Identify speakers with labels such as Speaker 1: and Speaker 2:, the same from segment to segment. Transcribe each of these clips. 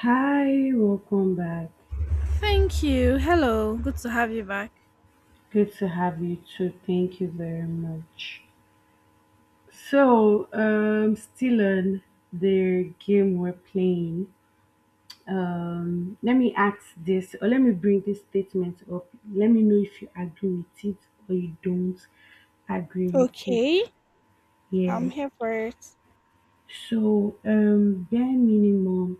Speaker 1: Hi, welcome back.
Speaker 2: Thank you. Hello. Good to have you back.
Speaker 1: Good to have you too. Thank you very much. Still on the game we're playing. Let me ask this, or let me bring this statement up. Let me know if you agree with it or you don't agree with it.
Speaker 2: Okay, I'm
Speaker 1: Yeah.
Speaker 2: here for it.
Speaker 1: So, um, bare minimum,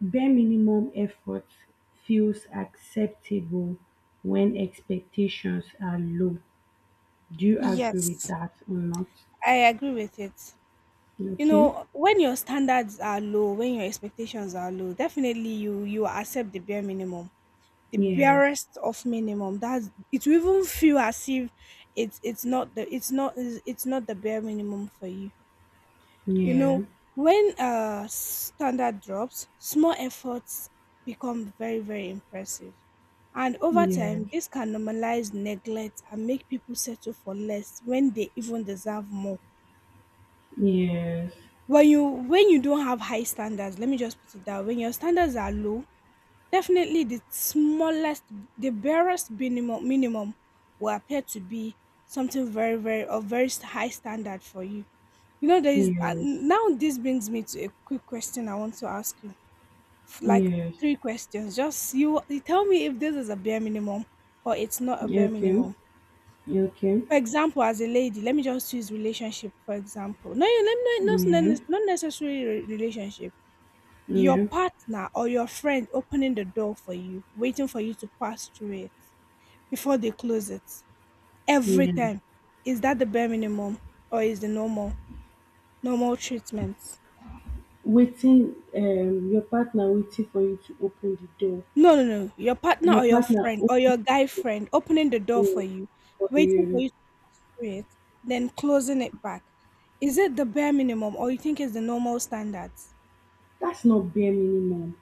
Speaker 1: bare minimum effort feels acceptable when expectations are low. Do you agree with
Speaker 2: Yes,
Speaker 1: that or not?
Speaker 2: I. You
Speaker 1: Okay.
Speaker 2: know, your standards are low when your expectations are low. Definitely, you are as minimum, the
Speaker 1: Yes.
Speaker 2: best of minimum. That's it. Will even feel as if it's not the bare minimum for you. You
Speaker 1: Yeah.
Speaker 2: know, when standard drops, small efforts become very, very impressive. And over
Speaker 1: Yes.
Speaker 2: time, this can normalize neglect and make people settle for less when they even deserve more.
Speaker 1: Yes.
Speaker 2: When you don't have high standards, let me just put it that way, when your standards are low, definitely the smallest, the barest minimum will appear to be something very, very of very high standard for you. You know, there is
Speaker 1: Yes.
Speaker 2: now this brings me to a quick question I want to ask you. Like
Speaker 1: Yes.
Speaker 2: three questions. Just you tell me if this is a bare minimum or it's not a bare
Speaker 1: Okay.
Speaker 2: minimum.
Speaker 1: Okay.
Speaker 2: For example, as a lady, let me just use relationship for example. No, you let me not
Speaker 1: Yeah.
Speaker 2: not not necessarily relationship. Your
Speaker 1: Yeah.
Speaker 2: partner or your friend opening the door for you, waiting for you to pass through it before they close it. Every
Speaker 1: Yeah.
Speaker 2: time. Is that the bare minimum or is the normal treatment?
Speaker 1: Waiting. Your partner waiting for you to open the door.
Speaker 2: No, no, no. Your partner
Speaker 1: Your
Speaker 2: or your
Speaker 1: partner
Speaker 2: friend or
Speaker 1: open
Speaker 2: your guy friend opening the
Speaker 1: the
Speaker 2: door for
Speaker 1: door
Speaker 2: you,
Speaker 1: for
Speaker 2: waiting for
Speaker 1: you.
Speaker 2: you to do it, then closing it back. Is it the bare minimum or you think it's the normal standards?
Speaker 1: That's not bare minimum.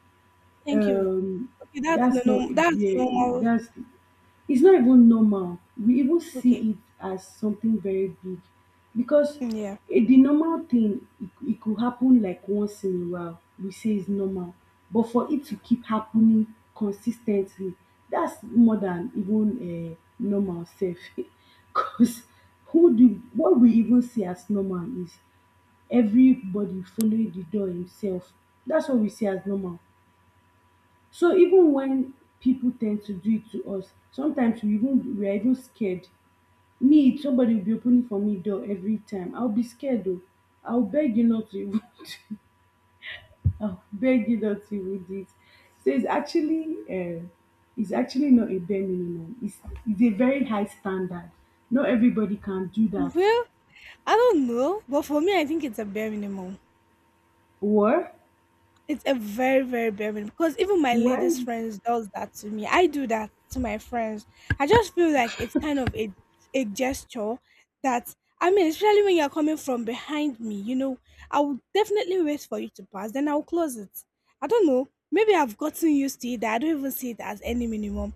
Speaker 2: Thank you.
Speaker 1: Um.
Speaker 2: Okay, that's the
Speaker 1: That's not
Speaker 2: no that's
Speaker 1: bare.
Speaker 2: normal.
Speaker 1: That's, it's not even normal. We even
Speaker 2: Okay.
Speaker 1: see it as something very big because
Speaker 2: Mm, yeah.
Speaker 1: the normal thing, it could happen like once in a while. We say it's normal. But for it to keep happening consistently, that's more than even normal self. Because who do what we even see as normal is everybody following the door himself. That's what we see as normal. So even when people tend to do it to us, sometimes we are even scared. Me, if somebody will be opening for me door every time. I'll be scared though. I'll beg you not to even I'll beg you not to even do it. So it's actually not a bare minimum. It's a very high standard. Not everybody can do that.
Speaker 2: Well, I don't know, but for me I think it's a bare minimum.
Speaker 1: What?
Speaker 2: It's a very, very bare minimum because even my
Speaker 1: Why?
Speaker 2: ladies friends does that to me. I do that to my friends. I just feel like it's kind of a gesture that I mean, especially when you're coming from behind me, I will definitely wait for you to pass, then I'll close it. I don't know. Maybe I've gotten used to it that I don't even see it as any minimum.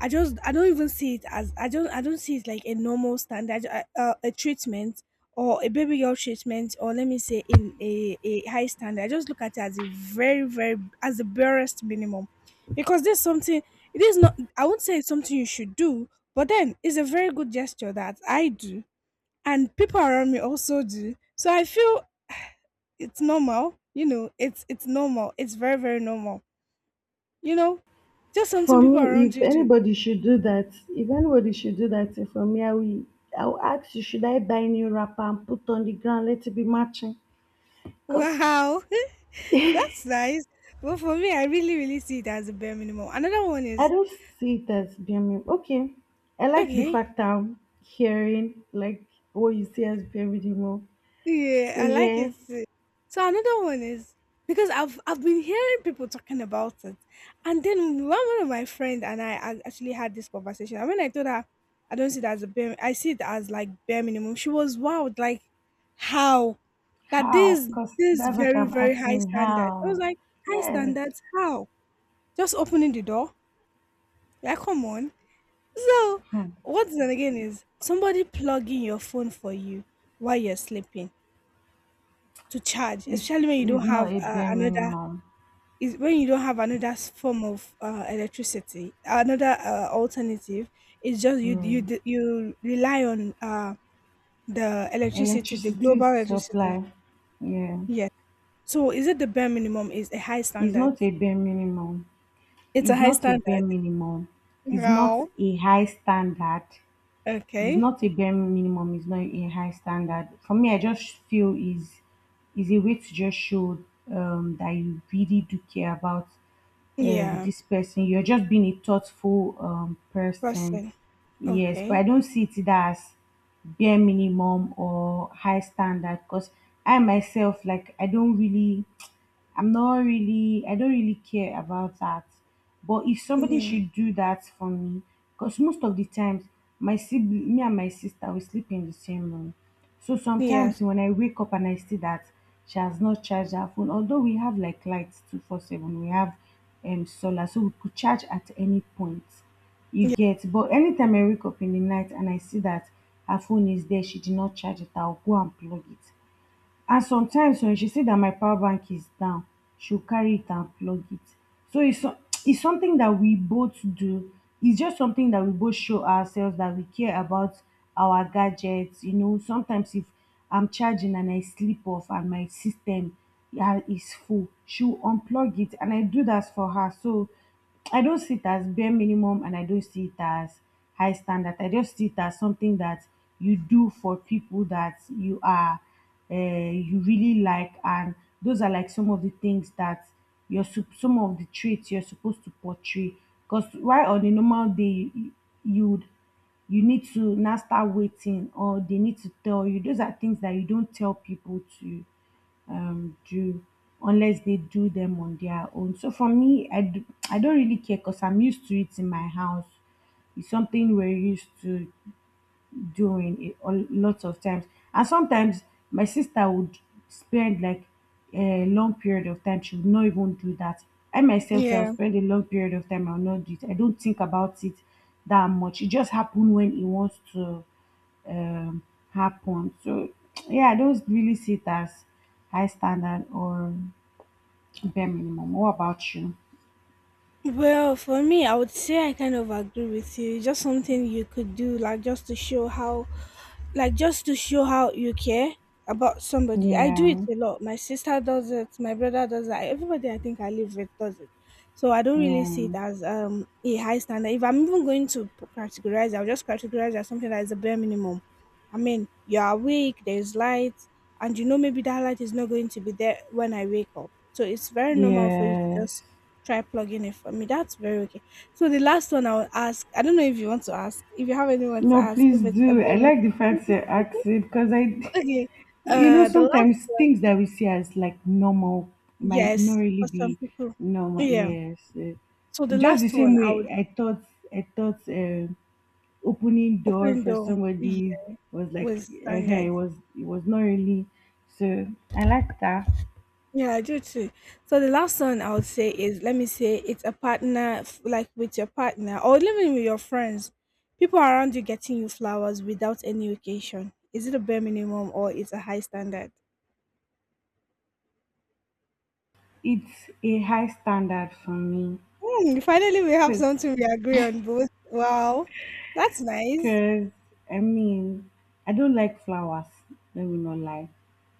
Speaker 2: I don't even see it as I don't see it like a normal standard a treatment or a baby girl treatment or let me say in a high standard. I just look at it as a very very as the barest minimum because there's something it is not I won't say it's something you should do, but then it's a very good gesture that I do and people around me also do. So I feel it's normal. It's normal. It's very very normal, you know. Just something
Speaker 1: For
Speaker 2: people
Speaker 1: me,
Speaker 2: around
Speaker 1: if
Speaker 2: you do.
Speaker 1: anybody should do that, if anybody should do that thing for me, I will ask you, should I buy new wrapper and put on the ground, let it be matching? Because
Speaker 2: Wow. That's nice. But for me, I really, really see it as a bare minimum. Another one
Speaker 1: I
Speaker 2: is
Speaker 1: don't see it as being. Okay, I like the
Speaker 2: okay.
Speaker 1: fact I'm hearing, like, what you see as being more.
Speaker 2: Yeah,
Speaker 1: So,
Speaker 2: I like
Speaker 1: yeah,
Speaker 2: it too. So another one is because I've been hearing people talking about it, and then one of my friend and I actually had this conversation. And when I told her I don't see it as a bare, I see it as like bare minimum. She was wowed, like how that
Speaker 1: how?
Speaker 2: this
Speaker 1: Because
Speaker 2: this
Speaker 1: that's what
Speaker 2: very
Speaker 1: I'm
Speaker 2: very high
Speaker 1: asking,
Speaker 2: standard. I was
Speaker 1: how?
Speaker 2: like high
Speaker 1: Yes,
Speaker 2: standards. How just opening the door? Like come on. So, what's then again is somebody plugging your phone for you while you're sleeping to charge,
Speaker 1: it
Speaker 2: especially when you
Speaker 1: is
Speaker 2: don't
Speaker 1: not
Speaker 2: have
Speaker 1: a bare
Speaker 2: another
Speaker 1: minimum.
Speaker 2: is when you don't have another form of electricity, another alternative. It's just you
Speaker 1: Yeah.
Speaker 2: you d- you rely on the electricity, the
Speaker 1: Electricity
Speaker 2: global electricity.
Speaker 1: supply. Yeah.
Speaker 2: Yes. So, is it the bare minimum? Is a high
Speaker 1: It's
Speaker 2: standard?
Speaker 1: not a bare minimum.
Speaker 2: It's a
Speaker 1: It's
Speaker 2: high
Speaker 1: not a bare
Speaker 2: standard.
Speaker 1: minimum, it's not
Speaker 2: Wow.
Speaker 1: a high standard, it's
Speaker 2: Okay.
Speaker 1: not a bare minimum, it's not a high standard. For me, I just feel is a way to just show that you really do care about
Speaker 2: Yeah.
Speaker 1: this person. You're just being a thoughtful person.
Speaker 2: Person.
Speaker 1: Yes, but
Speaker 2: Okay.
Speaker 1: I don't see it as bare minimum or high standard because I myself, like, I'm not really, I don't really care about that. But if somebody
Speaker 2: Yeah.
Speaker 1: should do that for me, because most of the times, my sibling, me and my sister, we sleep in the same room. So
Speaker 2: Yes.
Speaker 1: sometimes when I wake up and I see that she has not charged her phone, although we have like lights 24/7, we have solar, so we could charge at any point. You
Speaker 2: Yeah.
Speaker 1: get, but anytime I wake up in the night and I see that her phone is there, she did not charge it, I'll go and plug it, and sometimes when she say that my power bank is down she will carry it and plug it, so it's it's something that we both do, it's just something that we both show ourselves that we care about our gadgets. You know sometimes if I'm charging and I sleep off and my system, yeah, is full, she'll unplug it and I do that for her. So I don't see it as bare minimum and I don't see it as high standard. I just see it as something that you do for people that you are uh, you really like, and those are like some of the things that some of the traits you're supposed to portray because while on a normal day you you would you need to now start waiting or they need to tell you those are things that you don't tell people to do unless they do them on their own. So for me, I do, I don't really care because I'm used to it in my house. It's something we're used to doing it a lot of times. And sometimes my sister would spend like a long period of time. She would not even do that. I myself, so I'll
Speaker 2: Yeah.
Speaker 1: spend a long period of time. I'll not do it. I don't think about it that much. It just happens when it wants to um, happen. So yeah, I don't really see it as high standard or bare minimum. What about you?
Speaker 2: Well, for me, I would say I kind of agree with you. It's just something you could do, like just to show how like just to show how you care about somebody. I do it
Speaker 1: Yeah,
Speaker 2: a lot. My sister does it, my brother does it. Everybody I think I live with does it. So I don't really see it
Speaker 1: yeah,
Speaker 2: as a high standard. If I'm even going to categorize, I'll just categorize as something that is a bare minimum. I mean, you're awake, there's light, and maybe that light is not going to be there when I wake up. So it's very normal for you to
Speaker 1: yes.
Speaker 2: just try plugging it for me. That's very okay. So the last one I will ask, I don't know if you want to ask, if you have anyone to
Speaker 1: No,
Speaker 2: ask,
Speaker 1: please
Speaker 2: if it's a
Speaker 1: do. I
Speaker 2: bare
Speaker 1: like the fact you asked it because I,
Speaker 2: okay.
Speaker 1: you know,
Speaker 2: The last
Speaker 1: sometimes
Speaker 2: one,
Speaker 1: things that we see as like normal might not
Speaker 2: yes,
Speaker 1: really
Speaker 2: for some
Speaker 1: be
Speaker 2: people.
Speaker 1: normal.
Speaker 2: Yeah.
Speaker 1: Yes, eh.
Speaker 2: So the
Speaker 1: Just the
Speaker 2: last one,
Speaker 1: same
Speaker 2: I
Speaker 1: way
Speaker 2: would
Speaker 1: I thought. I thought um Opening door
Speaker 2: open
Speaker 1: for
Speaker 2: door
Speaker 1: somebody
Speaker 2: yeah,
Speaker 1: was like,
Speaker 2: with
Speaker 1: it
Speaker 2: standards.
Speaker 1: was not really. So I like that.
Speaker 2: Yeah, I do too. So the last one I would say is, let me say, it's a partner, like with your partner or living with your friends. People around you getting you flowers without any occasion. Is it a bare minimum or it's a high standard?
Speaker 1: It's a high standard for me
Speaker 2: Hmm, finally, we have
Speaker 1: because.
Speaker 2: something we agree on both. Wow, that's nice.
Speaker 1: Cause I mean, I don't like flowers. Let me not lie.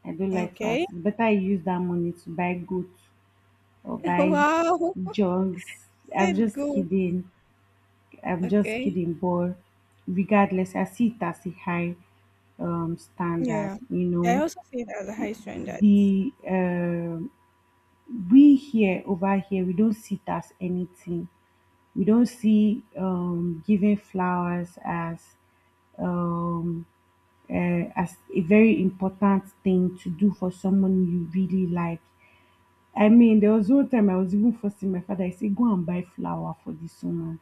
Speaker 1: I don't like flowers.
Speaker 2: Okay.
Speaker 1: It's better I use that money to buy goods or buy
Speaker 2: Wow.
Speaker 1: jugs. I'm
Speaker 2: Said
Speaker 1: just
Speaker 2: goat.
Speaker 1: kidding. I'm just
Speaker 2: Okay.
Speaker 1: kidding. But regardless, I see it as a high standard.
Speaker 2: Yeah.
Speaker 1: You
Speaker 2: I
Speaker 1: know,
Speaker 2: also see it as a high standard.
Speaker 1: the we here over here we don't see it as anything. We don't see giving flowers um, as a very important thing to do for someone you really like. I mean, there was one time I was even forcing my father, I said, go and buy flower for this woman.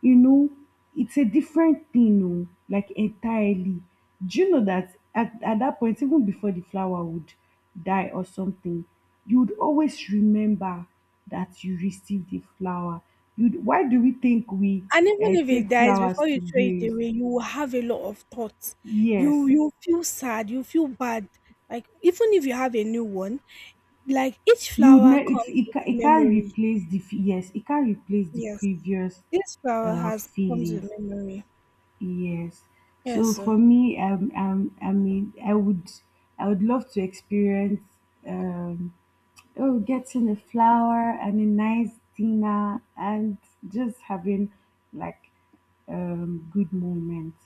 Speaker 1: You know, it's a different thing, oh, like entirely. Do you know that at that point, even before the flower would die or something, you would always remember that you received the flower. Why do we think we
Speaker 2: And even if it
Speaker 1: take
Speaker 2: dies
Speaker 1: flowers
Speaker 2: before you
Speaker 1: to
Speaker 2: throw it
Speaker 1: graves?
Speaker 2: away, you will have a lot of thoughts. You
Speaker 1: Yes,
Speaker 2: you feel sad, you feel bad. Like even if you have a new one, like each flower
Speaker 1: it's
Speaker 2: comes with
Speaker 1: it can't
Speaker 2: memory.
Speaker 1: replace the yes it can't replace the
Speaker 2: Yes.
Speaker 1: previous
Speaker 2: This flower has comes
Speaker 1: feeling.
Speaker 2: with memory.
Speaker 1: Yes.
Speaker 2: Yes,
Speaker 1: So
Speaker 2: sir.
Speaker 1: for me I mean I would I would love to experience um oh getting a flower and a nice dinner and just having like good moments,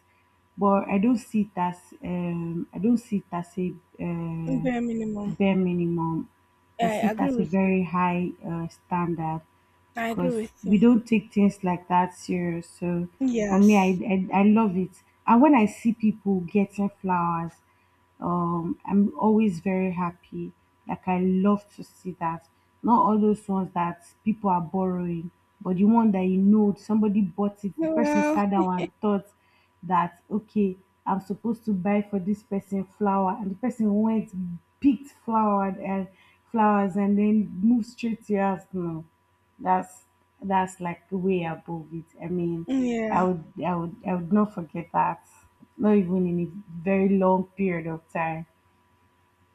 Speaker 1: but I don't see it as I don't see it as a um
Speaker 2: Bare minimum.
Speaker 1: bare minimum. I
Speaker 2: I
Speaker 1: see it
Speaker 2: agree
Speaker 1: as a
Speaker 2: with you.
Speaker 1: very high standard
Speaker 2: I agree
Speaker 1: because
Speaker 2: with
Speaker 1: we
Speaker 2: you.
Speaker 1: don't take things like that serious. So for me,
Speaker 2: Yes.
Speaker 1: I love it. And when I see people getting flowers, I'm always very happy, like I love to see that, not all those ones that people are borrowing, but the one that you know somebody bought it, the person
Speaker 2: Well,
Speaker 1: sat down and thought that okay I'm supposed to buy for this person flower and the person went picked flower and flowers and then moved straight to your house. No, that's that's like way above it. I mean,
Speaker 2: yeah.
Speaker 1: I would not forget that. Not even in a very long period of time.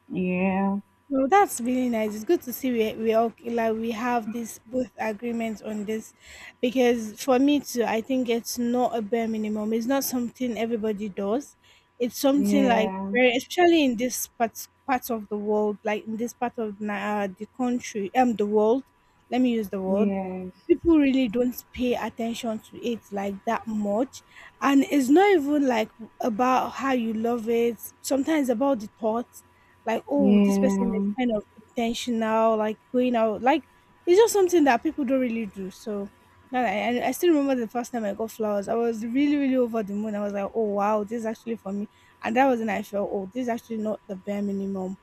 Speaker 1: Yeah,
Speaker 2: No, that's really nice. It's good to see we all like we have this both agreement on this, because for me too, I think it's not a bare minimum. It's not something everybody does. It's something like
Speaker 1: yeah,
Speaker 2: very, especially in this part of the world, like in this part of the country, the world. Let me use the word.
Speaker 1: yes,
Speaker 2: People really don't pay attention to it like that much, and it's not even like about how you love it. Sometimes about the thoughts like oh this person is
Speaker 1: yeah.
Speaker 2: kind of intentional like going out like it's just something that people don't really do so now that I still remember the first time I got flowers I was really really over the moon I was like oh wow this is actually for me and that was when I felt oh this is actually not the bare minimum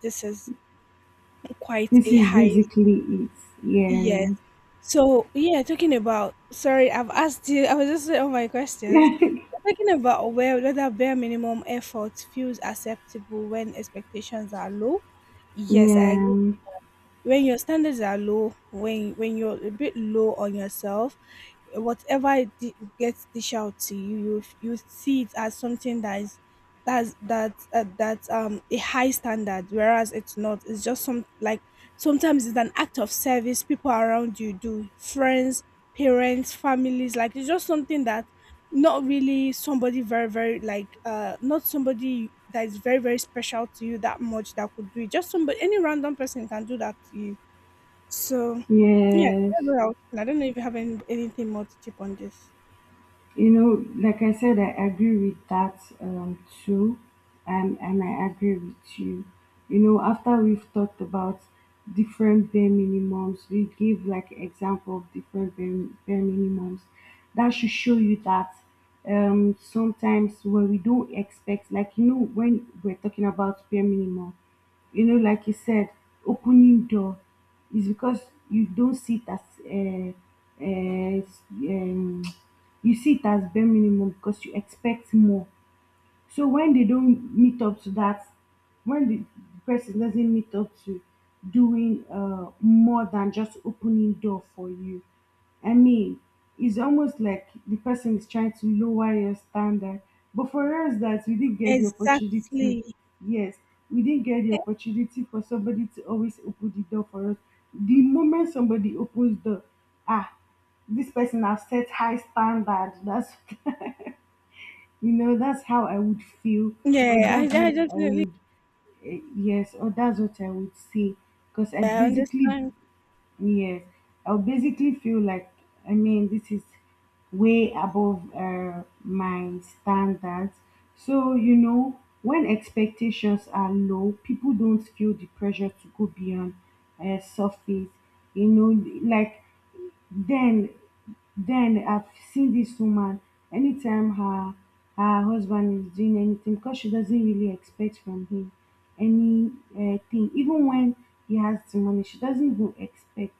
Speaker 2: this is quite
Speaker 1: This
Speaker 2: a
Speaker 1: is
Speaker 2: high
Speaker 1: basically
Speaker 2: yes
Speaker 1: it.
Speaker 2: so yeah talking about sorry I've asked you I was just saying all my questions
Speaker 1: Yeah,
Speaker 2: talking about where whether bare minimum effort feels acceptable when expectations are low yes I agree
Speaker 1: yeah,
Speaker 2: when your standards are low when you're a bit low on yourself whatever it gets dish out to you you see it as something that is that's a high standard whereas it's not it's just some like sometimes it's an act of service people around you do friends parents families like it's just something that not really somebody very very like not somebody that is very very special to you that much that could do it just somebody any random person can do that to you so yeah
Speaker 1: yes.
Speaker 2: that's what I was thinking. I don't know if you have anything more to chip on this
Speaker 1: You know, like I said, I agree with that too, and I agree with you. You know, after we've talked about different bare minimums, we give like example of different bare minimums. That should show you that sometimes when we don't expect, like you know, when we're talking about bare minimum, you know, like you said, opening door is because you don't see it as you see it as bare minimum because you expect more, so when they don't meet up to that, when the person doesn't meet up to doing more than just opening door for you, I mean, it's almost like the person is trying to lower your standard. But for us, that we didn't get the opportunity.
Speaker 2: exactly
Speaker 1: Yes, we didn't get the opportunity for somebody to always open the door for us. The moment somebody opens the ah, this person has set high standard. That's, you know that's how I would feel, or
Speaker 2: yeah i,
Speaker 1: that's
Speaker 2: I
Speaker 1: what I
Speaker 2: definitely
Speaker 1: would, yes or that's what I would say because I
Speaker 2: yeah, I
Speaker 1: basically,
Speaker 2: understand
Speaker 1: yes, I'll basically feel like, I mean this is way above my standards. So you know when expectations are low people don't feel the pressure to go beyond surface. You know, like, then then I've seen this woman, anytime her her husband is doing anything, because she doesn't really expect from him any thing, even when he has the money she doesn't go expect,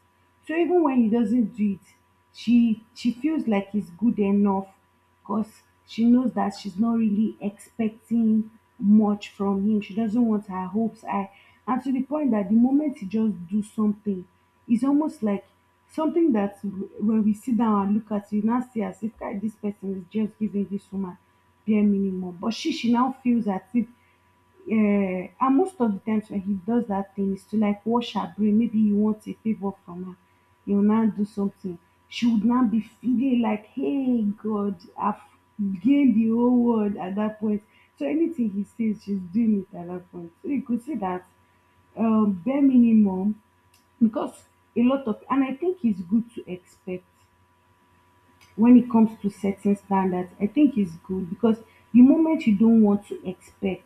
Speaker 1: so even when he doesn't do it she feels like it's good enough because she knows that she's not really expecting much from him. She doesn't want her hopes high. And to the point that the moment you just do something, it's almost like something that when we sit down and look at you, now see as if "Kai, this person is just giving this woman bare minimum." But she now feels as if and most of the times when he does that thing is to like wash her brain. Maybe he wants a favor from her. He will now do something. She would now be feeling like, hey God, I've gained the whole world at that point. So anything he says, she's doing it at that point. So you could say that bare minimum because a lot of and I think it's good to expect when it comes to setting standards, I think it's good because the moment you don't want to expect,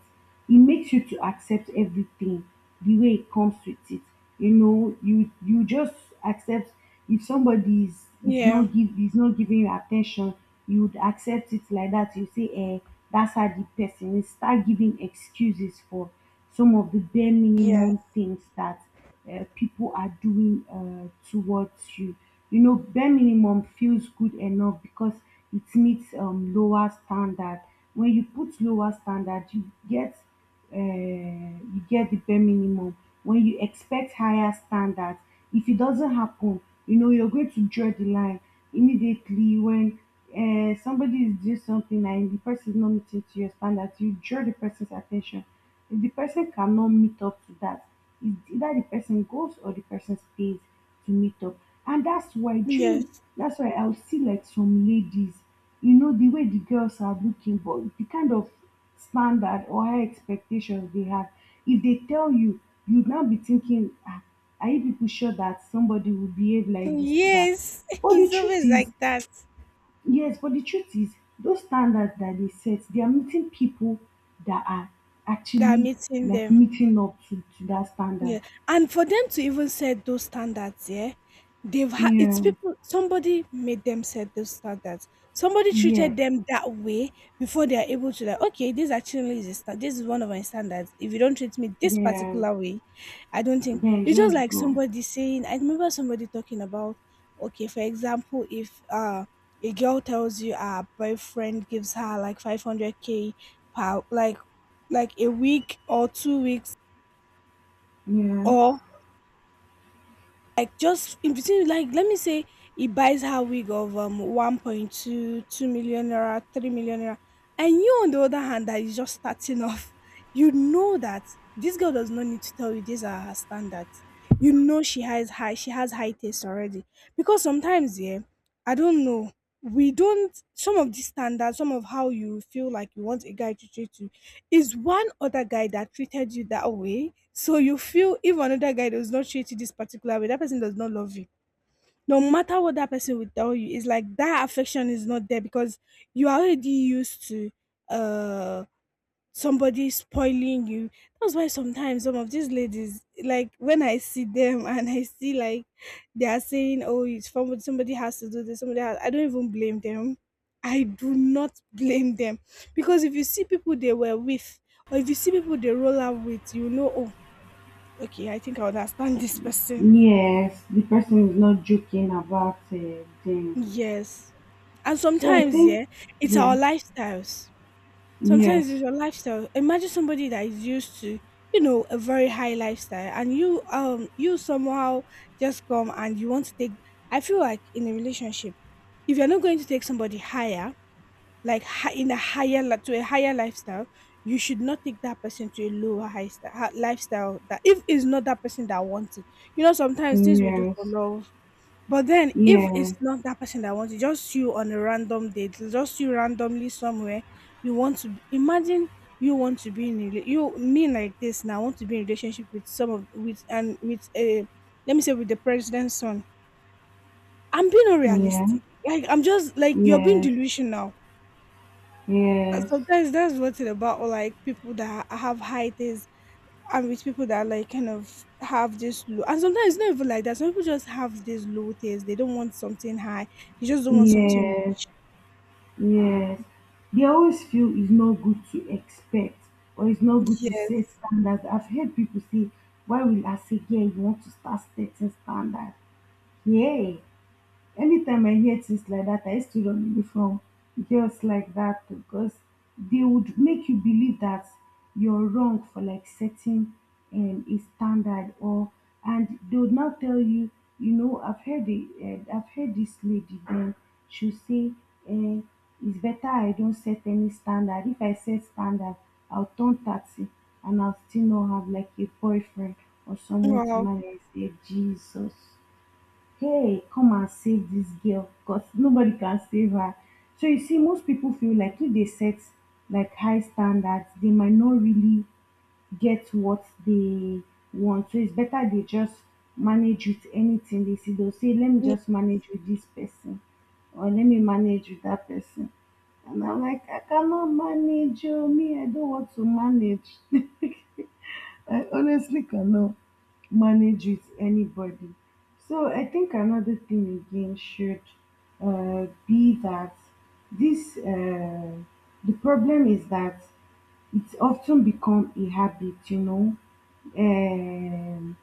Speaker 1: it makes you to accept everything the way it comes with it. You know, you just accept if somebody is
Speaker 2: yeah
Speaker 1: not give is not giving you attention, you would accept it like that. You say, eh, that's how the person is. Start giving excuses for some of the bare
Speaker 2: yeah
Speaker 1: minimum things that people are doing towards you, you know bare minimum feels good enough because it meets lower standard. When you put lower standard you get, you get the bare minimum. When you expect higher standards, if it doesn't happen, you know you're going to draw the line immediately. When somebody is doing something and the person is not meeting to your standards, you draw the person's attention. If the person cannot meet up to that, it's either the person goes or the person stays to meet up. And that's why, do you know,
Speaker 2: yes
Speaker 1: that's why I'll see like some ladies, you know, the way the girls are looking, but the kind of standard or high expectations they have, if they tell you, you'd now be thinking, ah, are you people sure that somebody will behave like this to that?
Speaker 2: yes
Speaker 1: But the
Speaker 2: it's
Speaker 1: truth
Speaker 2: always like
Speaker 1: is,
Speaker 2: that
Speaker 1: Yes, but the truth is, those standards that they set, they are meeting people that are
Speaker 2: that
Speaker 1: actually
Speaker 2: meeting
Speaker 1: like
Speaker 2: them
Speaker 1: meeting up to that standard.
Speaker 2: yeah, and for them to even set those standards, yeah, they've had it's
Speaker 1: Yeah,
Speaker 2: people somebody made them set those standards. Somebody
Speaker 1: yeah,
Speaker 2: treated them that way before they are able to like, okay, this actually is a this is one of my standards. If you don't treat me this
Speaker 1: yeah.
Speaker 2: particular way, I don't think
Speaker 1: Then
Speaker 2: it's just
Speaker 1: just
Speaker 2: like
Speaker 1: go.
Speaker 2: somebody saying I remember somebody talking about okay, for example, if a girl tells you her boyfriend gives her like 500K per like a week or 2 weeks
Speaker 1: Yeah.
Speaker 2: or like just in between like let me say he buys her wig of 1.22 million naira 3 million naira and you on the other hand that is just starting off you know that this girl does not need to tell you these are her standards you know she has high taste already because sometimes yeah I don't know we don't some of these standards some of how you feel like you want a guy to treat you is one other guy that treated you that way so you feel if another guy does not treat you this particular way, that person does not love you. No matter what that person will tell you, it's like that affection is not there because you are already used to uh somebody spoiling you. That's why sometimes some of these ladies, like when I see them and I see like they are saying, "Oh, it's from somebody has to do this," somebody has, I don't even blame them. I do not blame them because if you see people they were with, or if you see people they roll out with, oh, okay, I think I understand this person.
Speaker 1: Yes, the person is not joking about them.
Speaker 2: Yes. And
Speaker 1: So I
Speaker 2: sometimes,
Speaker 1: think,
Speaker 2: yeah, it's our
Speaker 1: yeah,
Speaker 2: lifestyles. Sometimes it's
Speaker 1: yes,
Speaker 2: your lifestyle. Imagine somebody that is used to, a very high lifestyle and you somehow just come and you want to take. I feel like in a relationship, if you're not going to take somebody higher, like hi- in a higher li- to a higher lifestyle, you should not take that person to a lower high sta- ha- lifestyle that if it's not that person that wants it. You know, sometimes things we do for
Speaker 1: yes,
Speaker 2: love. But then, if it's
Speaker 1: yeah,
Speaker 2: not that person that wants you, just you on a random date, just you randomly somewhere, you want to imagine. You want to be in a you mean like this now want to be in relationship with some of with and with a, let me say, with the president's son. I'm being
Speaker 1: yeah,
Speaker 2: unrealistic. Like I'm just like you're being
Speaker 1: yes,
Speaker 2: delusional. Uh,
Speaker 1: yes,
Speaker 2: Sometimes that's what's it about. Or like people that have high things. I'm with people that like kind of have this low, and sometimes it's not even like that. Some people just have this low taste. They don't want something high. They just don't want something
Speaker 1: yes.
Speaker 2: much.
Speaker 1: Yes, they always feel it's not good to expect or it's not good to set
Speaker 2: Yes.
Speaker 1: standards. I've heard people say, why will I say, yeah, you want to start setting standards? Yeah, anytime I hear things like that, I used to run away from girls like that because they would make you believe that you're wrong for like setting a standard or, and they would now tell you, you know, I've heard the I've heard this lady then she'll say, uh, it's better I don't set any standard. If I set standard, I'll turn 30 and I'll still not have like a boyfriend or someone to
Speaker 2: Wow.
Speaker 1: marry. I say, Jesus, hey, come and save this girl because nobody can save her. So you see, most people feel like if they set like high standards, they might not really get what they want. So it's better they just manage with anything they see. They'll say, let me
Speaker 2: Y-
Speaker 1: just manage with this person or let me manage with that person. And I'm like, I cannot manage you. Me, I don't want to manage. I honestly cannot manage with anybody. So I think another thing again should be that this the problem is that it's often become a habit, you know. Um,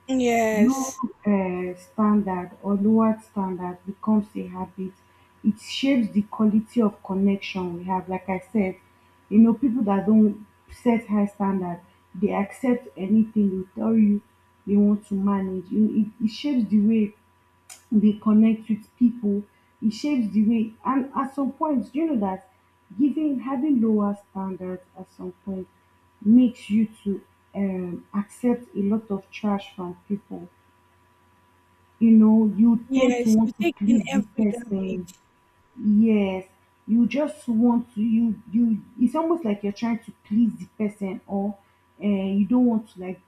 Speaker 1: Low,
Speaker 2: Yes.
Speaker 1: standard or lowered standard becomes a habit. It shapes the quality of connection we have. Like I said, you know, people that don't set high standard, they accept anything. They tell you they want to manage. You- It shapes the way they connect with people. It shapes the way, and at some point, you know that giving having lower standards at some point makes you to accept a lot of trash from people, you know, you tend to
Speaker 2: Yes. You
Speaker 1: want to
Speaker 2: take in
Speaker 1: please the
Speaker 2: every
Speaker 1: person.
Speaker 2: garbage.
Speaker 1: Yes, you just want to you. It's almost like you're trying to please the person, or you don't want to like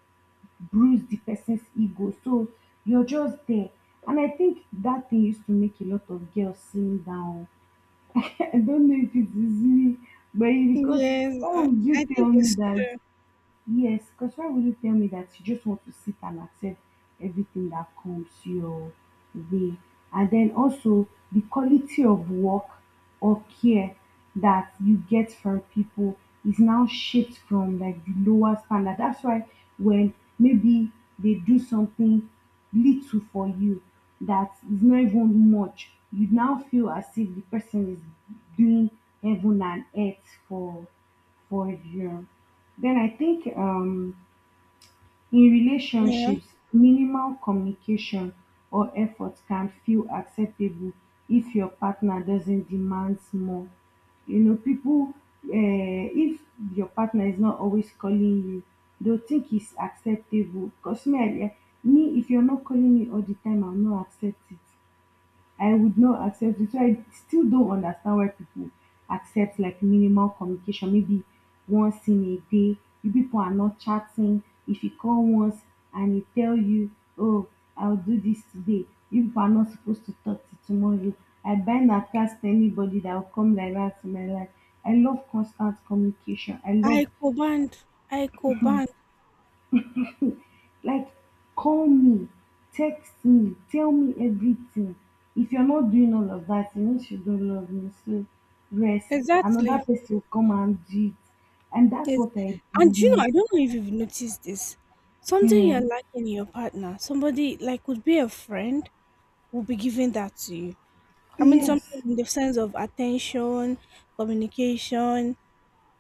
Speaker 1: bruise the person's ego. So you're just there, and I think that thing used to make a lot of girls slim down. I don't know if it is me, but because
Speaker 2: Yes.
Speaker 1: why would you
Speaker 2: I think
Speaker 1: tell me
Speaker 2: it's
Speaker 1: that,
Speaker 2: true.
Speaker 1: Yes, because why would you tell me that you just want to sit and accept everything that comes your way? And then also the quality of work or care that you get from people is now shaped from like the lower standard. That's why when maybe they do something little for you that is not even much, you now feel as if the person is doing heaven and earth for you. Then I think in
Speaker 2: Yeah.
Speaker 1: relationships, minimal communication or effort can feel acceptable if your partner doesn't demand more. You know, people, if your partner is not always calling you, they'll think it's acceptable. Because me, if you're not calling me all the time, I'm not accepting. I would not accept it. So I still don't understand why people accept like minimal communication, maybe once in a day. You people are not chatting. If you call once and he tell you, oh, I'll do this today, you people are not supposed to talk to tomorrow. I bind and cast anybody that will come like that to my life. I love constant communication. I love
Speaker 2: I band. I band.
Speaker 1: like call me, text me, tell me everything. If you're not doing all of that, you know she don't love me, so rest, another
Speaker 2: Exactly.
Speaker 1: person will come and do it, and that's
Speaker 2: Yes.
Speaker 1: what I
Speaker 2: And you know,
Speaker 1: believe.
Speaker 2: I don't know if you've noticed this. Something
Speaker 1: Yeah.
Speaker 2: you're lacking in your partner. Somebody like could be a friend will be giving that to you. I mean, something
Speaker 1: Yes.
Speaker 2: in the sense of attention, communication.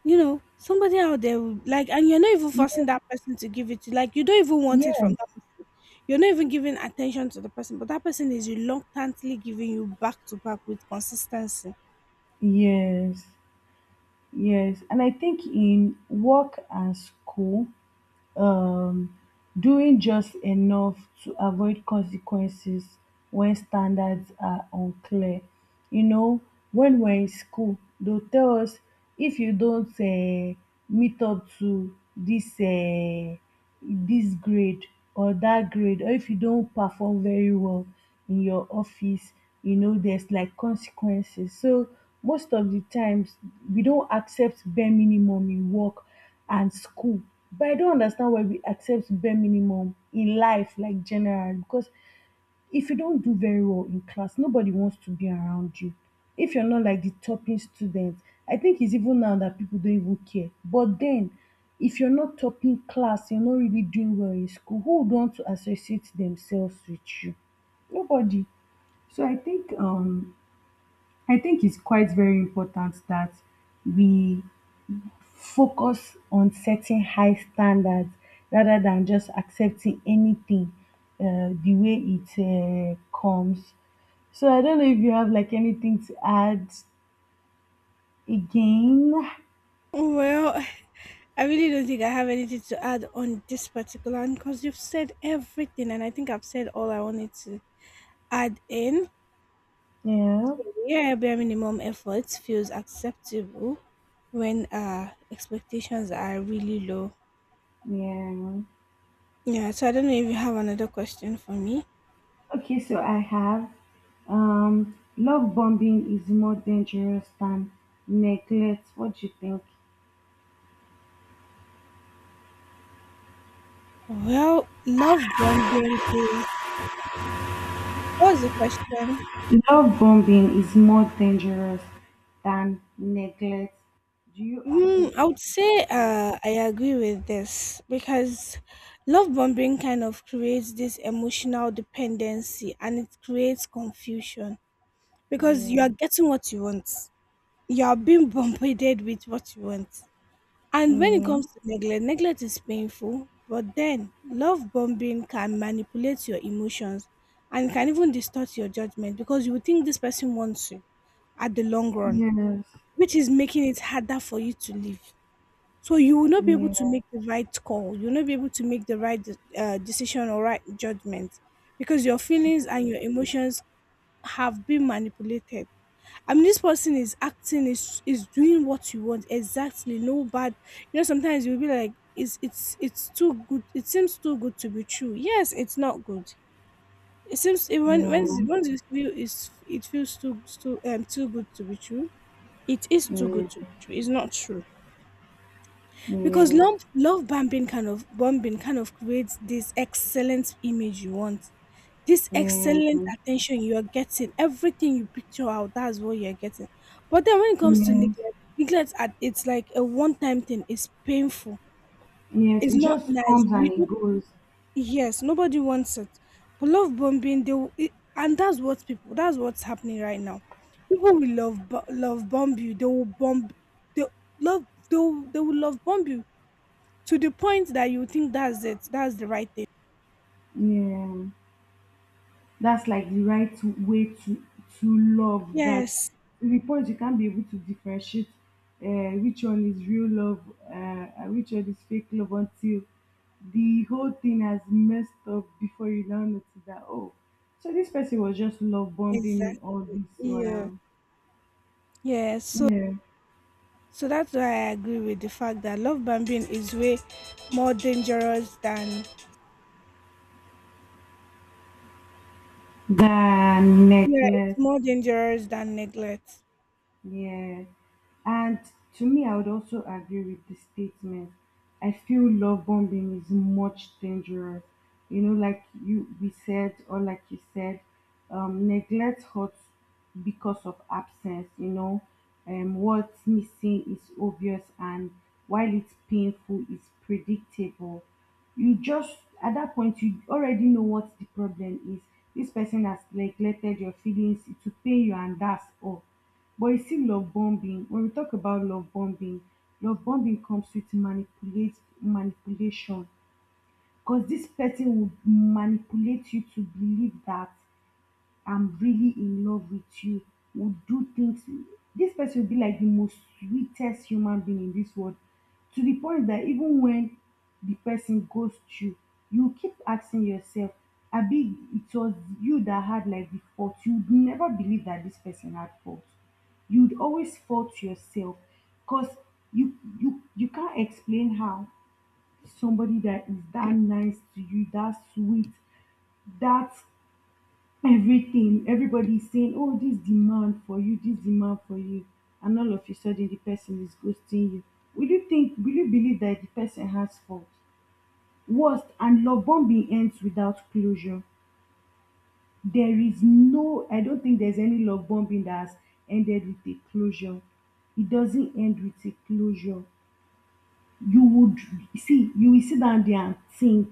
Speaker 2: You know, somebody out there would like, and you're not even
Speaker 1: Ye-
Speaker 2: forcing that person to give it to. Like, you don't even want it from
Speaker 1: yes,
Speaker 2: that person. You're not even giving attention to the person, but that person is reluctantly giving you back to back with consistency.
Speaker 1: yes, yes, and I think in work and school, um doing just enough to avoid consequences when standards are unclear. You know, when we're in school, they'll tell us if you don't meet up to this grade or that grade, or if you don't perform very well in your office, you know, there's like consequences. So most of the times we don't accept bare minimum in work and school. But I don't understand why we accept bare minimum in life, like general, because if you don't do very well in class, nobody wants to be around you. If you're not like the topping student, I think it's even now that people don't even care. But then, if you're not topping class, you're not really doing well in school, who would want to associate themselves with you? Nobody. So I think it's quite very important that we focus on setting high standards rather than just accepting anything the way it comes. So I don't know if you have like anything to add again.
Speaker 2: Well, I really don't think I have anything to add on this particular one because you've said everything, and I think I've said all I wanted to add in.
Speaker 1: Yeah,
Speaker 2: Reliable minimum effort feels acceptable when expectations are really low.
Speaker 1: yeah.
Speaker 2: Yeah, so I don't know if you have another question for me.
Speaker 1: Okay, so I have love bombing is more dangerous than neglect. What do you think?
Speaker 2: Well, love bombing is, what was the question?
Speaker 1: Love bombing is more dangerous than neglect. Do you
Speaker 2: Mm,
Speaker 1: agree
Speaker 2: I
Speaker 1: or
Speaker 2: would say
Speaker 1: disagree?
Speaker 2: I agree with this because love bombing kind of creates this emotional dependency and it creates confusion because you
Speaker 1: Yeah.
Speaker 2: are getting what you want. You are being bombarded with what you want. And when it
Speaker 1: Yeah.
Speaker 2: comes to neglect, neglect is painful, but then love bombing can manipulate your emotions and can even distort your judgment because you will think this person wants you at the long run,
Speaker 1: Yes.
Speaker 2: which is making it harder for you to live. So you will not be able
Speaker 1: Yeah.
Speaker 2: to make the right call. You will not be able to make the right decision or right judgment because your feelings and your emotions have been manipulated. I mean, this person is acting, is doing what you want exactly. No bad. You know, sometimes you'll be like, it's it's too good. It seems too good to be true. Yes, it's not good. It seems it,
Speaker 1: Yeah.
Speaker 2: when
Speaker 1: Yeah.
Speaker 2: once you feel is it feels too too good to be true. It is too good
Speaker 1: Yes.
Speaker 2: to be true. It's not true because love bombing kind of creates this excellent image you want, this excellent
Speaker 1: Yeah.
Speaker 2: attention you are getting, everything you picture out, that's what you're getting. But then when it comes to
Speaker 1: Yes.
Speaker 2: neglect, neglect, it's like a one time thing, it's painful,
Speaker 1: Yes.
Speaker 2: it's
Speaker 1: It
Speaker 2: not
Speaker 1: just
Speaker 2: nice.
Speaker 1: comes
Speaker 2: We,
Speaker 1: and it
Speaker 2: don't-
Speaker 1: goes.
Speaker 2: yes, nobody wants it. But love bombing, it, and that's what people, that's what's happening right now. People will love bomb you, they will bomb, they love, they will love bomb you to the point that you think that's it, that's the right thing.
Speaker 1: Yeah. That's like the right way to love that,
Speaker 2: Yes,
Speaker 1: to the point you can't be able to differentiate which one is real love, uh, and which one is fake love until the whole thing has messed up before you now notice that, oh, so this person was just love bombing
Speaker 2: exactly.
Speaker 1: me all this
Speaker 2: Yeah.
Speaker 1: while.
Speaker 2: Yeah. So
Speaker 1: Yeah.
Speaker 2: So that's why I agree with the fact that love bombing is way more dangerous than,
Speaker 1: The
Speaker 2: yeah, it's
Speaker 1: necklace,
Speaker 2: more dangerous than neglect.
Speaker 1: yeah. And to me, I would also agree with the statement. I feel love bombing is much dangerous. You know, like you we said, or like you said, neglect hurts because of absence. You know, what's missing is obvious, and while it's painful, it's predictable. You just at that point, you already know what the problem is. This person has neglected your feelings. It will pain you, and that's all. But you see love bombing, when we talk about love bombing comes with manipulate manipulation because this person will manipulate you to believe that I'm really in love with you, would do things. This person will be like the most sweetest human being in this world to the point that even when the person goes through, you keep asking yourself, Abi, it was you that had like the fault. You'd never believe that this person had fault. You'd always fault yourself because you can't explain how somebody that is that nice to you, that sweet, that everything, everybody's saying, oh, this demand for you, this demand for you, and all of a sudden the person is ghosting you, will you think, will you believe that the person has fault? Worst, and love bombing ends without closure. There is no, I don't think there's any love bombing that has ended with a closure. It doesn't end with a closure. You would see you will sit down there and think,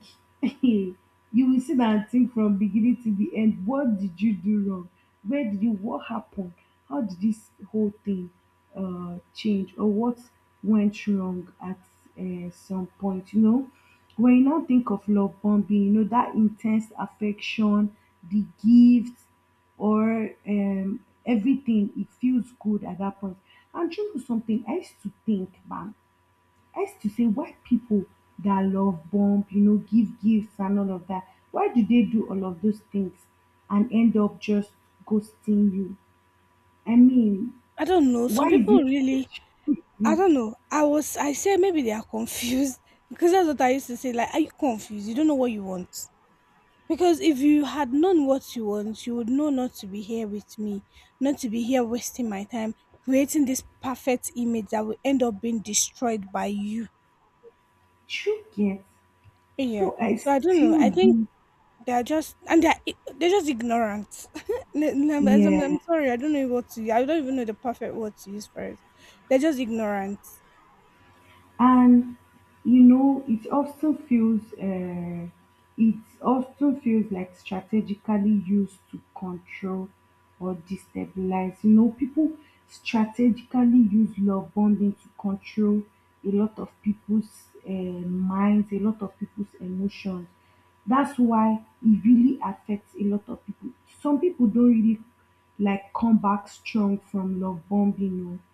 Speaker 1: you will sit down and think from beginning to the end, what did you do wrong? Where did you, what happened? How did this whole thing change, or what went wrong at some point? You know, when you now think of love bombing, you know that intense affection, the gifts, or everything, it feels good at that point. And you know something, I used to think back. I used to say, why people that love bump, give gifts and all of that, why do they do all of those things and end up just ghosting you? I mean,
Speaker 2: I don't know.
Speaker 1: why
Speaker 2: Some
Speaker 1: is
Speaker 2: people
Speaker 1: it
Speaker 2: really, I
Speaker 1: you
Speaker 2: don't know. I say maybe they are confused because that's what I used to say. Like, are you confused? You don't know what you want. Because if you had known what you want, you would know not to be here with me, not to be here wasting my time, creating this perfect image that will end up being destroyed by you.
Speaker 1: you get?
Speaker 2: Yeah.
Speaker 1: So I
Speaker 2: So I don't know.
Speaker 1: still
Speaker 2: I think
Speaker 1: do,
Speaker 2: they are just and they're just ignorant. I'm, I'm
Speaker 1: yeah.
Speaker 2: sorry, I don't know what to. I don't even know the perfect word to use for it. They're just ignorant.
Speaker 1: And you know it often feels uh, it often feels like strategically used to control or destabilize people, strategically use love bonding to control a lot of people's minds, a lot of people's emotions. That's why it really affects a lot of people. Some people don't really like come back strong from love bombing o,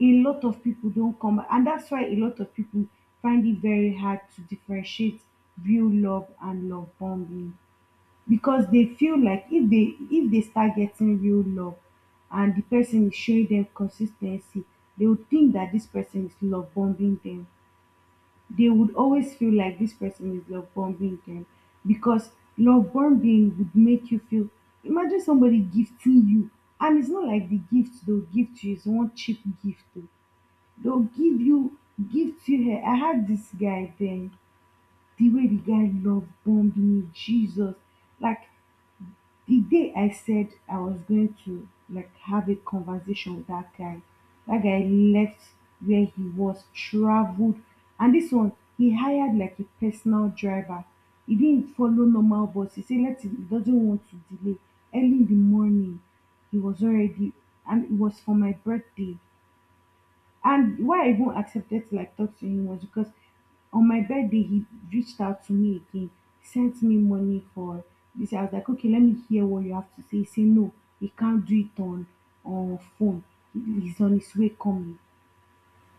Speaker 1: a lot of people don't come back. And that's why a lot of people find it very hard to differentiate real love and love bombing, because they feel like if they start getting real love and the person is showing them consistency, they would think that this person is love bombing them. They would always feel like this person is love bombing them because love bombing would make you feel. Imagine somebody gifting you, and it's not like the gift they'll give to you is one cheap gift, oh. They'll give you give to her. I had this guy then, the way the guy love bombed me, Jesus. Like the day I said I was going to like have a conversation with that guy left where he was, traveled, and this one he hired like a personal driver. He didn't follow normal bus. He said let him, he doesn't want to delay. Early in the morning, he was already, and it was for my birthday, and why I even accepted to like talk to him was because on my birthday he reached out to me again, sent me money for this. I was like, okay, let me hear what you have to say. He said no, he can't do it on phone. He- He's on his way coming.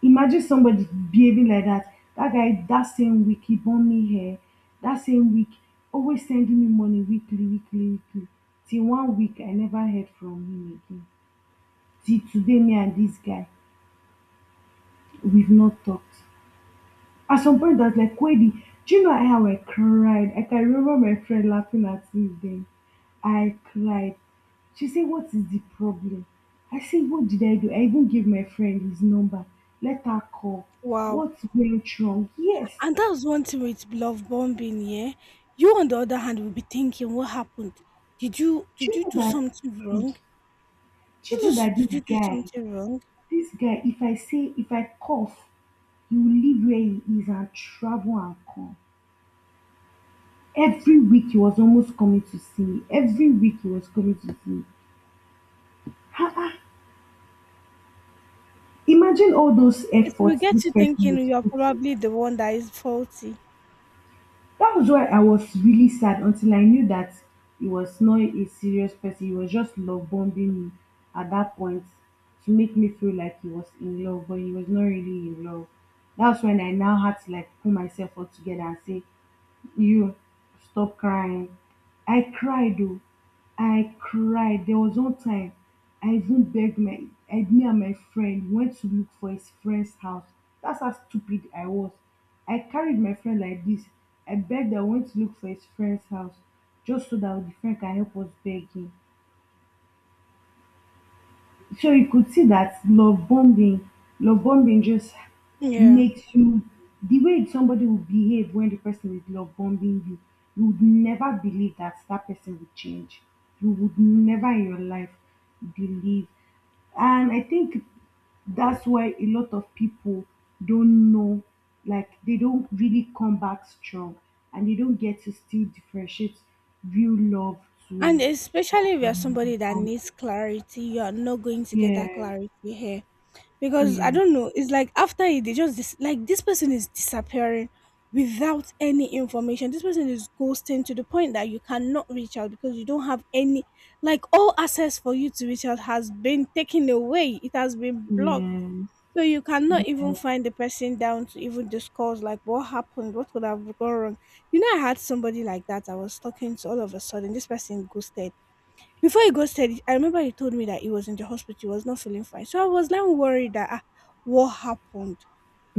Speaker 1: Imagine somebody behaving like that. That guy, that same week, he bought me hair. That same week, always sending me money weekly, weekly, weekly. Till one week, I never heard from him again. Till today, me and this guy, we've not talked. At some point, I was like, Wendy, do you know how I cried? Like, I can remember my friend laughing at me then. I cried. She said, what is the problem? I said, what did I do? I even gave my friend his number. Let her call.
Speaker 2: Wow,
Speaker 1: What went wrong? Yes.
Speaker 2: and that's one thing with love bombing. Yeah, you on the other hand will be thinking, what happened? Did you
Speaker 1: Do
Speaker 2: did
Speaker 1: you
Speaker 2: you
Speaker 1: know
Speaker 2: do
Speaker 1: that?
Speaker 2: something
Speaker 1: Mhm.
Speaker 2: wrong?
Speaker 1: Do you know that
Speaker 2: Did you do something wrong?
Speaker 1: this guy, if I say, if I cough, he will leave where he is and travel and come. Every week he was almost coming to see me. Every week he was coming to see me. Imagine all those
Speaker 2: It will
Speaker 1: efforts
Speaker 2: get
Speaker 1: this
Speaker 2: you
Speaker 1: person
Speaker 2: thinking
Speaker 1: was
Speaker 2: you are
Speaker 1: putting.
Speaker 2: probably the one that is faulty.
Speaker 1: That was why I was really sad until I knew that he was not a serious person. He was just love bombing me at that point to make me feel like he was in love, but he was not really in love. That's when I now had to like pull myself all together and say, you stop crying. I cried oh, I cried. There was one time I even begged my I, me and my friend went to look for his friend's house. That's how stupid I was. I carried my friend like this. I begged I went to look for his friend's house just so that the friend can help us beg him. So you could see that love bonding just
Speaker 2: Yeah.
Speaker 1: makes you the way somebody will behave when the person is love bombing you. You would never believe that that person would change. You would never in your life believe. And I think that's why a lot of people don't know, like they don't really come back strong, and they don't get to still differentiate real love
Speaker 2: And
Speaker 1: to
Speaker 2: especially if you're
Speaker 1: um,
Speaker 2: somebody that
Speaker 1: um
Speaker 2: needs clarity, you're not going to get that
Speaker 1: yeah,
Speaker 2: clarity here. Because I
Speaker 1: yeah.
Speaker 2: don't know, it's like after it, like this person is disappearing without any information. This person is ghosting to the point that you cannot reach out because you don't have any, like, all access for you to reach out has been taken away, it has been blocked.
Speaker 1: Yes.
Speaker 2: So you cannot even find the person down to even discuss like what happened, what could have gone wrong. You know, I had somebody like that I was talking to all of a sudden. This person ghosted before he got steady. I remember he told me that he was in the hospital, he was not feeling fine. So I was now worried that ah, what happened?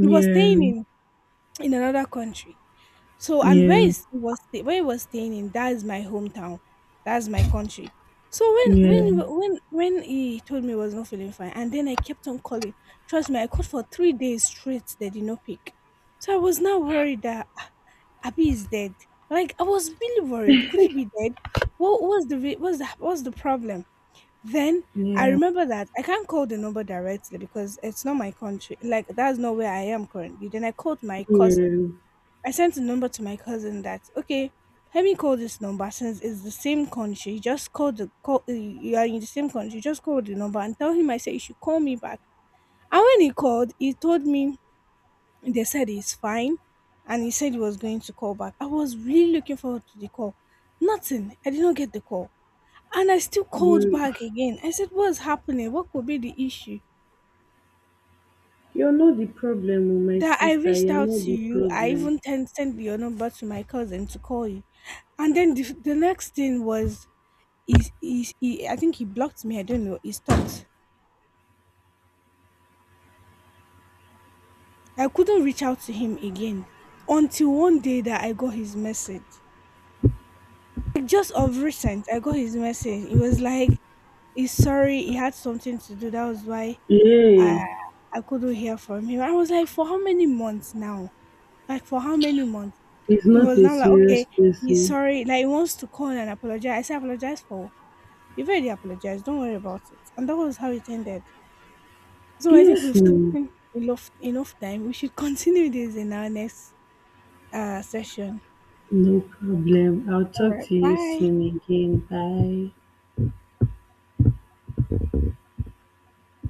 Speaker 2: He was staying in another country. So and where
Speaker 1: yeah,
Speaker 2: is he was stay- where he was staying in, that is my hometown. That's my country. So when
Speaker 1: yeah,
Speaker 2: when when when he told me he was not feeling fine, and then I kept on calling. Trust me, I called for 3 days straight. They did not pick. So I was now worried that ah, Abby is dead. Like I was really worried. Could he be dead? What was the what's the what's the problem? Then I
Speaker 1: yeah.
Speaker 2: remember that I can't call the number directly because it's not my country. Like that's not where I am currently. Then I called my cousin. I sent a number to my cousin that, okay, let me call this number since it's the same country. Just call the call. You are in the same country. Just call the number and tell him I said you should call me back. And when he called, he told me they said he's fine, and he said he was going to call back. I was really looking forward to the call. Nothing. I did not get the call. And I still called
Speaker 1: You
Speaker 2: back again. I said, What's happening? What could be the issue?
Speaker 1: you're not the problem, oh, my
Speaker 2: That I
Speaker 1: sister.
Speaker 2: reached
Speaker 1: You're
Speaker 2: out
Speaker 1: not
Speaker 2: to
Speaker 1: the
Speaker 2: you. I
Speaker 1: problem.
Speaker 2: even sent your number to my cousin to call you. And then the next thing was, he, I think he blocked me. I don't know. He stopped. I couldn't reach out to him again until one day that I got his message. Like, just of recent, I got his message. It was like, he's sorry. He had something to do. That was why I,
Speaker 1: Yeah,
Speaker 2: I couldn't hear from him. I was like, for how many months now? Like for how many months?
Speaker 1: he's
Speaker 2: It
Speaker 1: not
Speaker 2: was
Speaker 1: a
Speaker 2: now like,
Speaker 1: serious
Speaker 2: okay, he's
Speaker 1: person.
Speaker 2: sorry. Like he wants to call and apologize. I said, apologize for what? You've already apologized. Don't worry about it. And that was how it ended. So I think
Speaker 1: Yes,
Speaker 2: we've
Speaker 1: no,
Speaker 2: taken enough time. We should continue this in our next session.
Speaker 1: no problem. I'll
Speaker 2: All
Speaker 1: talk
Speaker 2: right.
Speaker 1: to you
Speaker 2: Bye.
Speaker 1: soon again. Bye.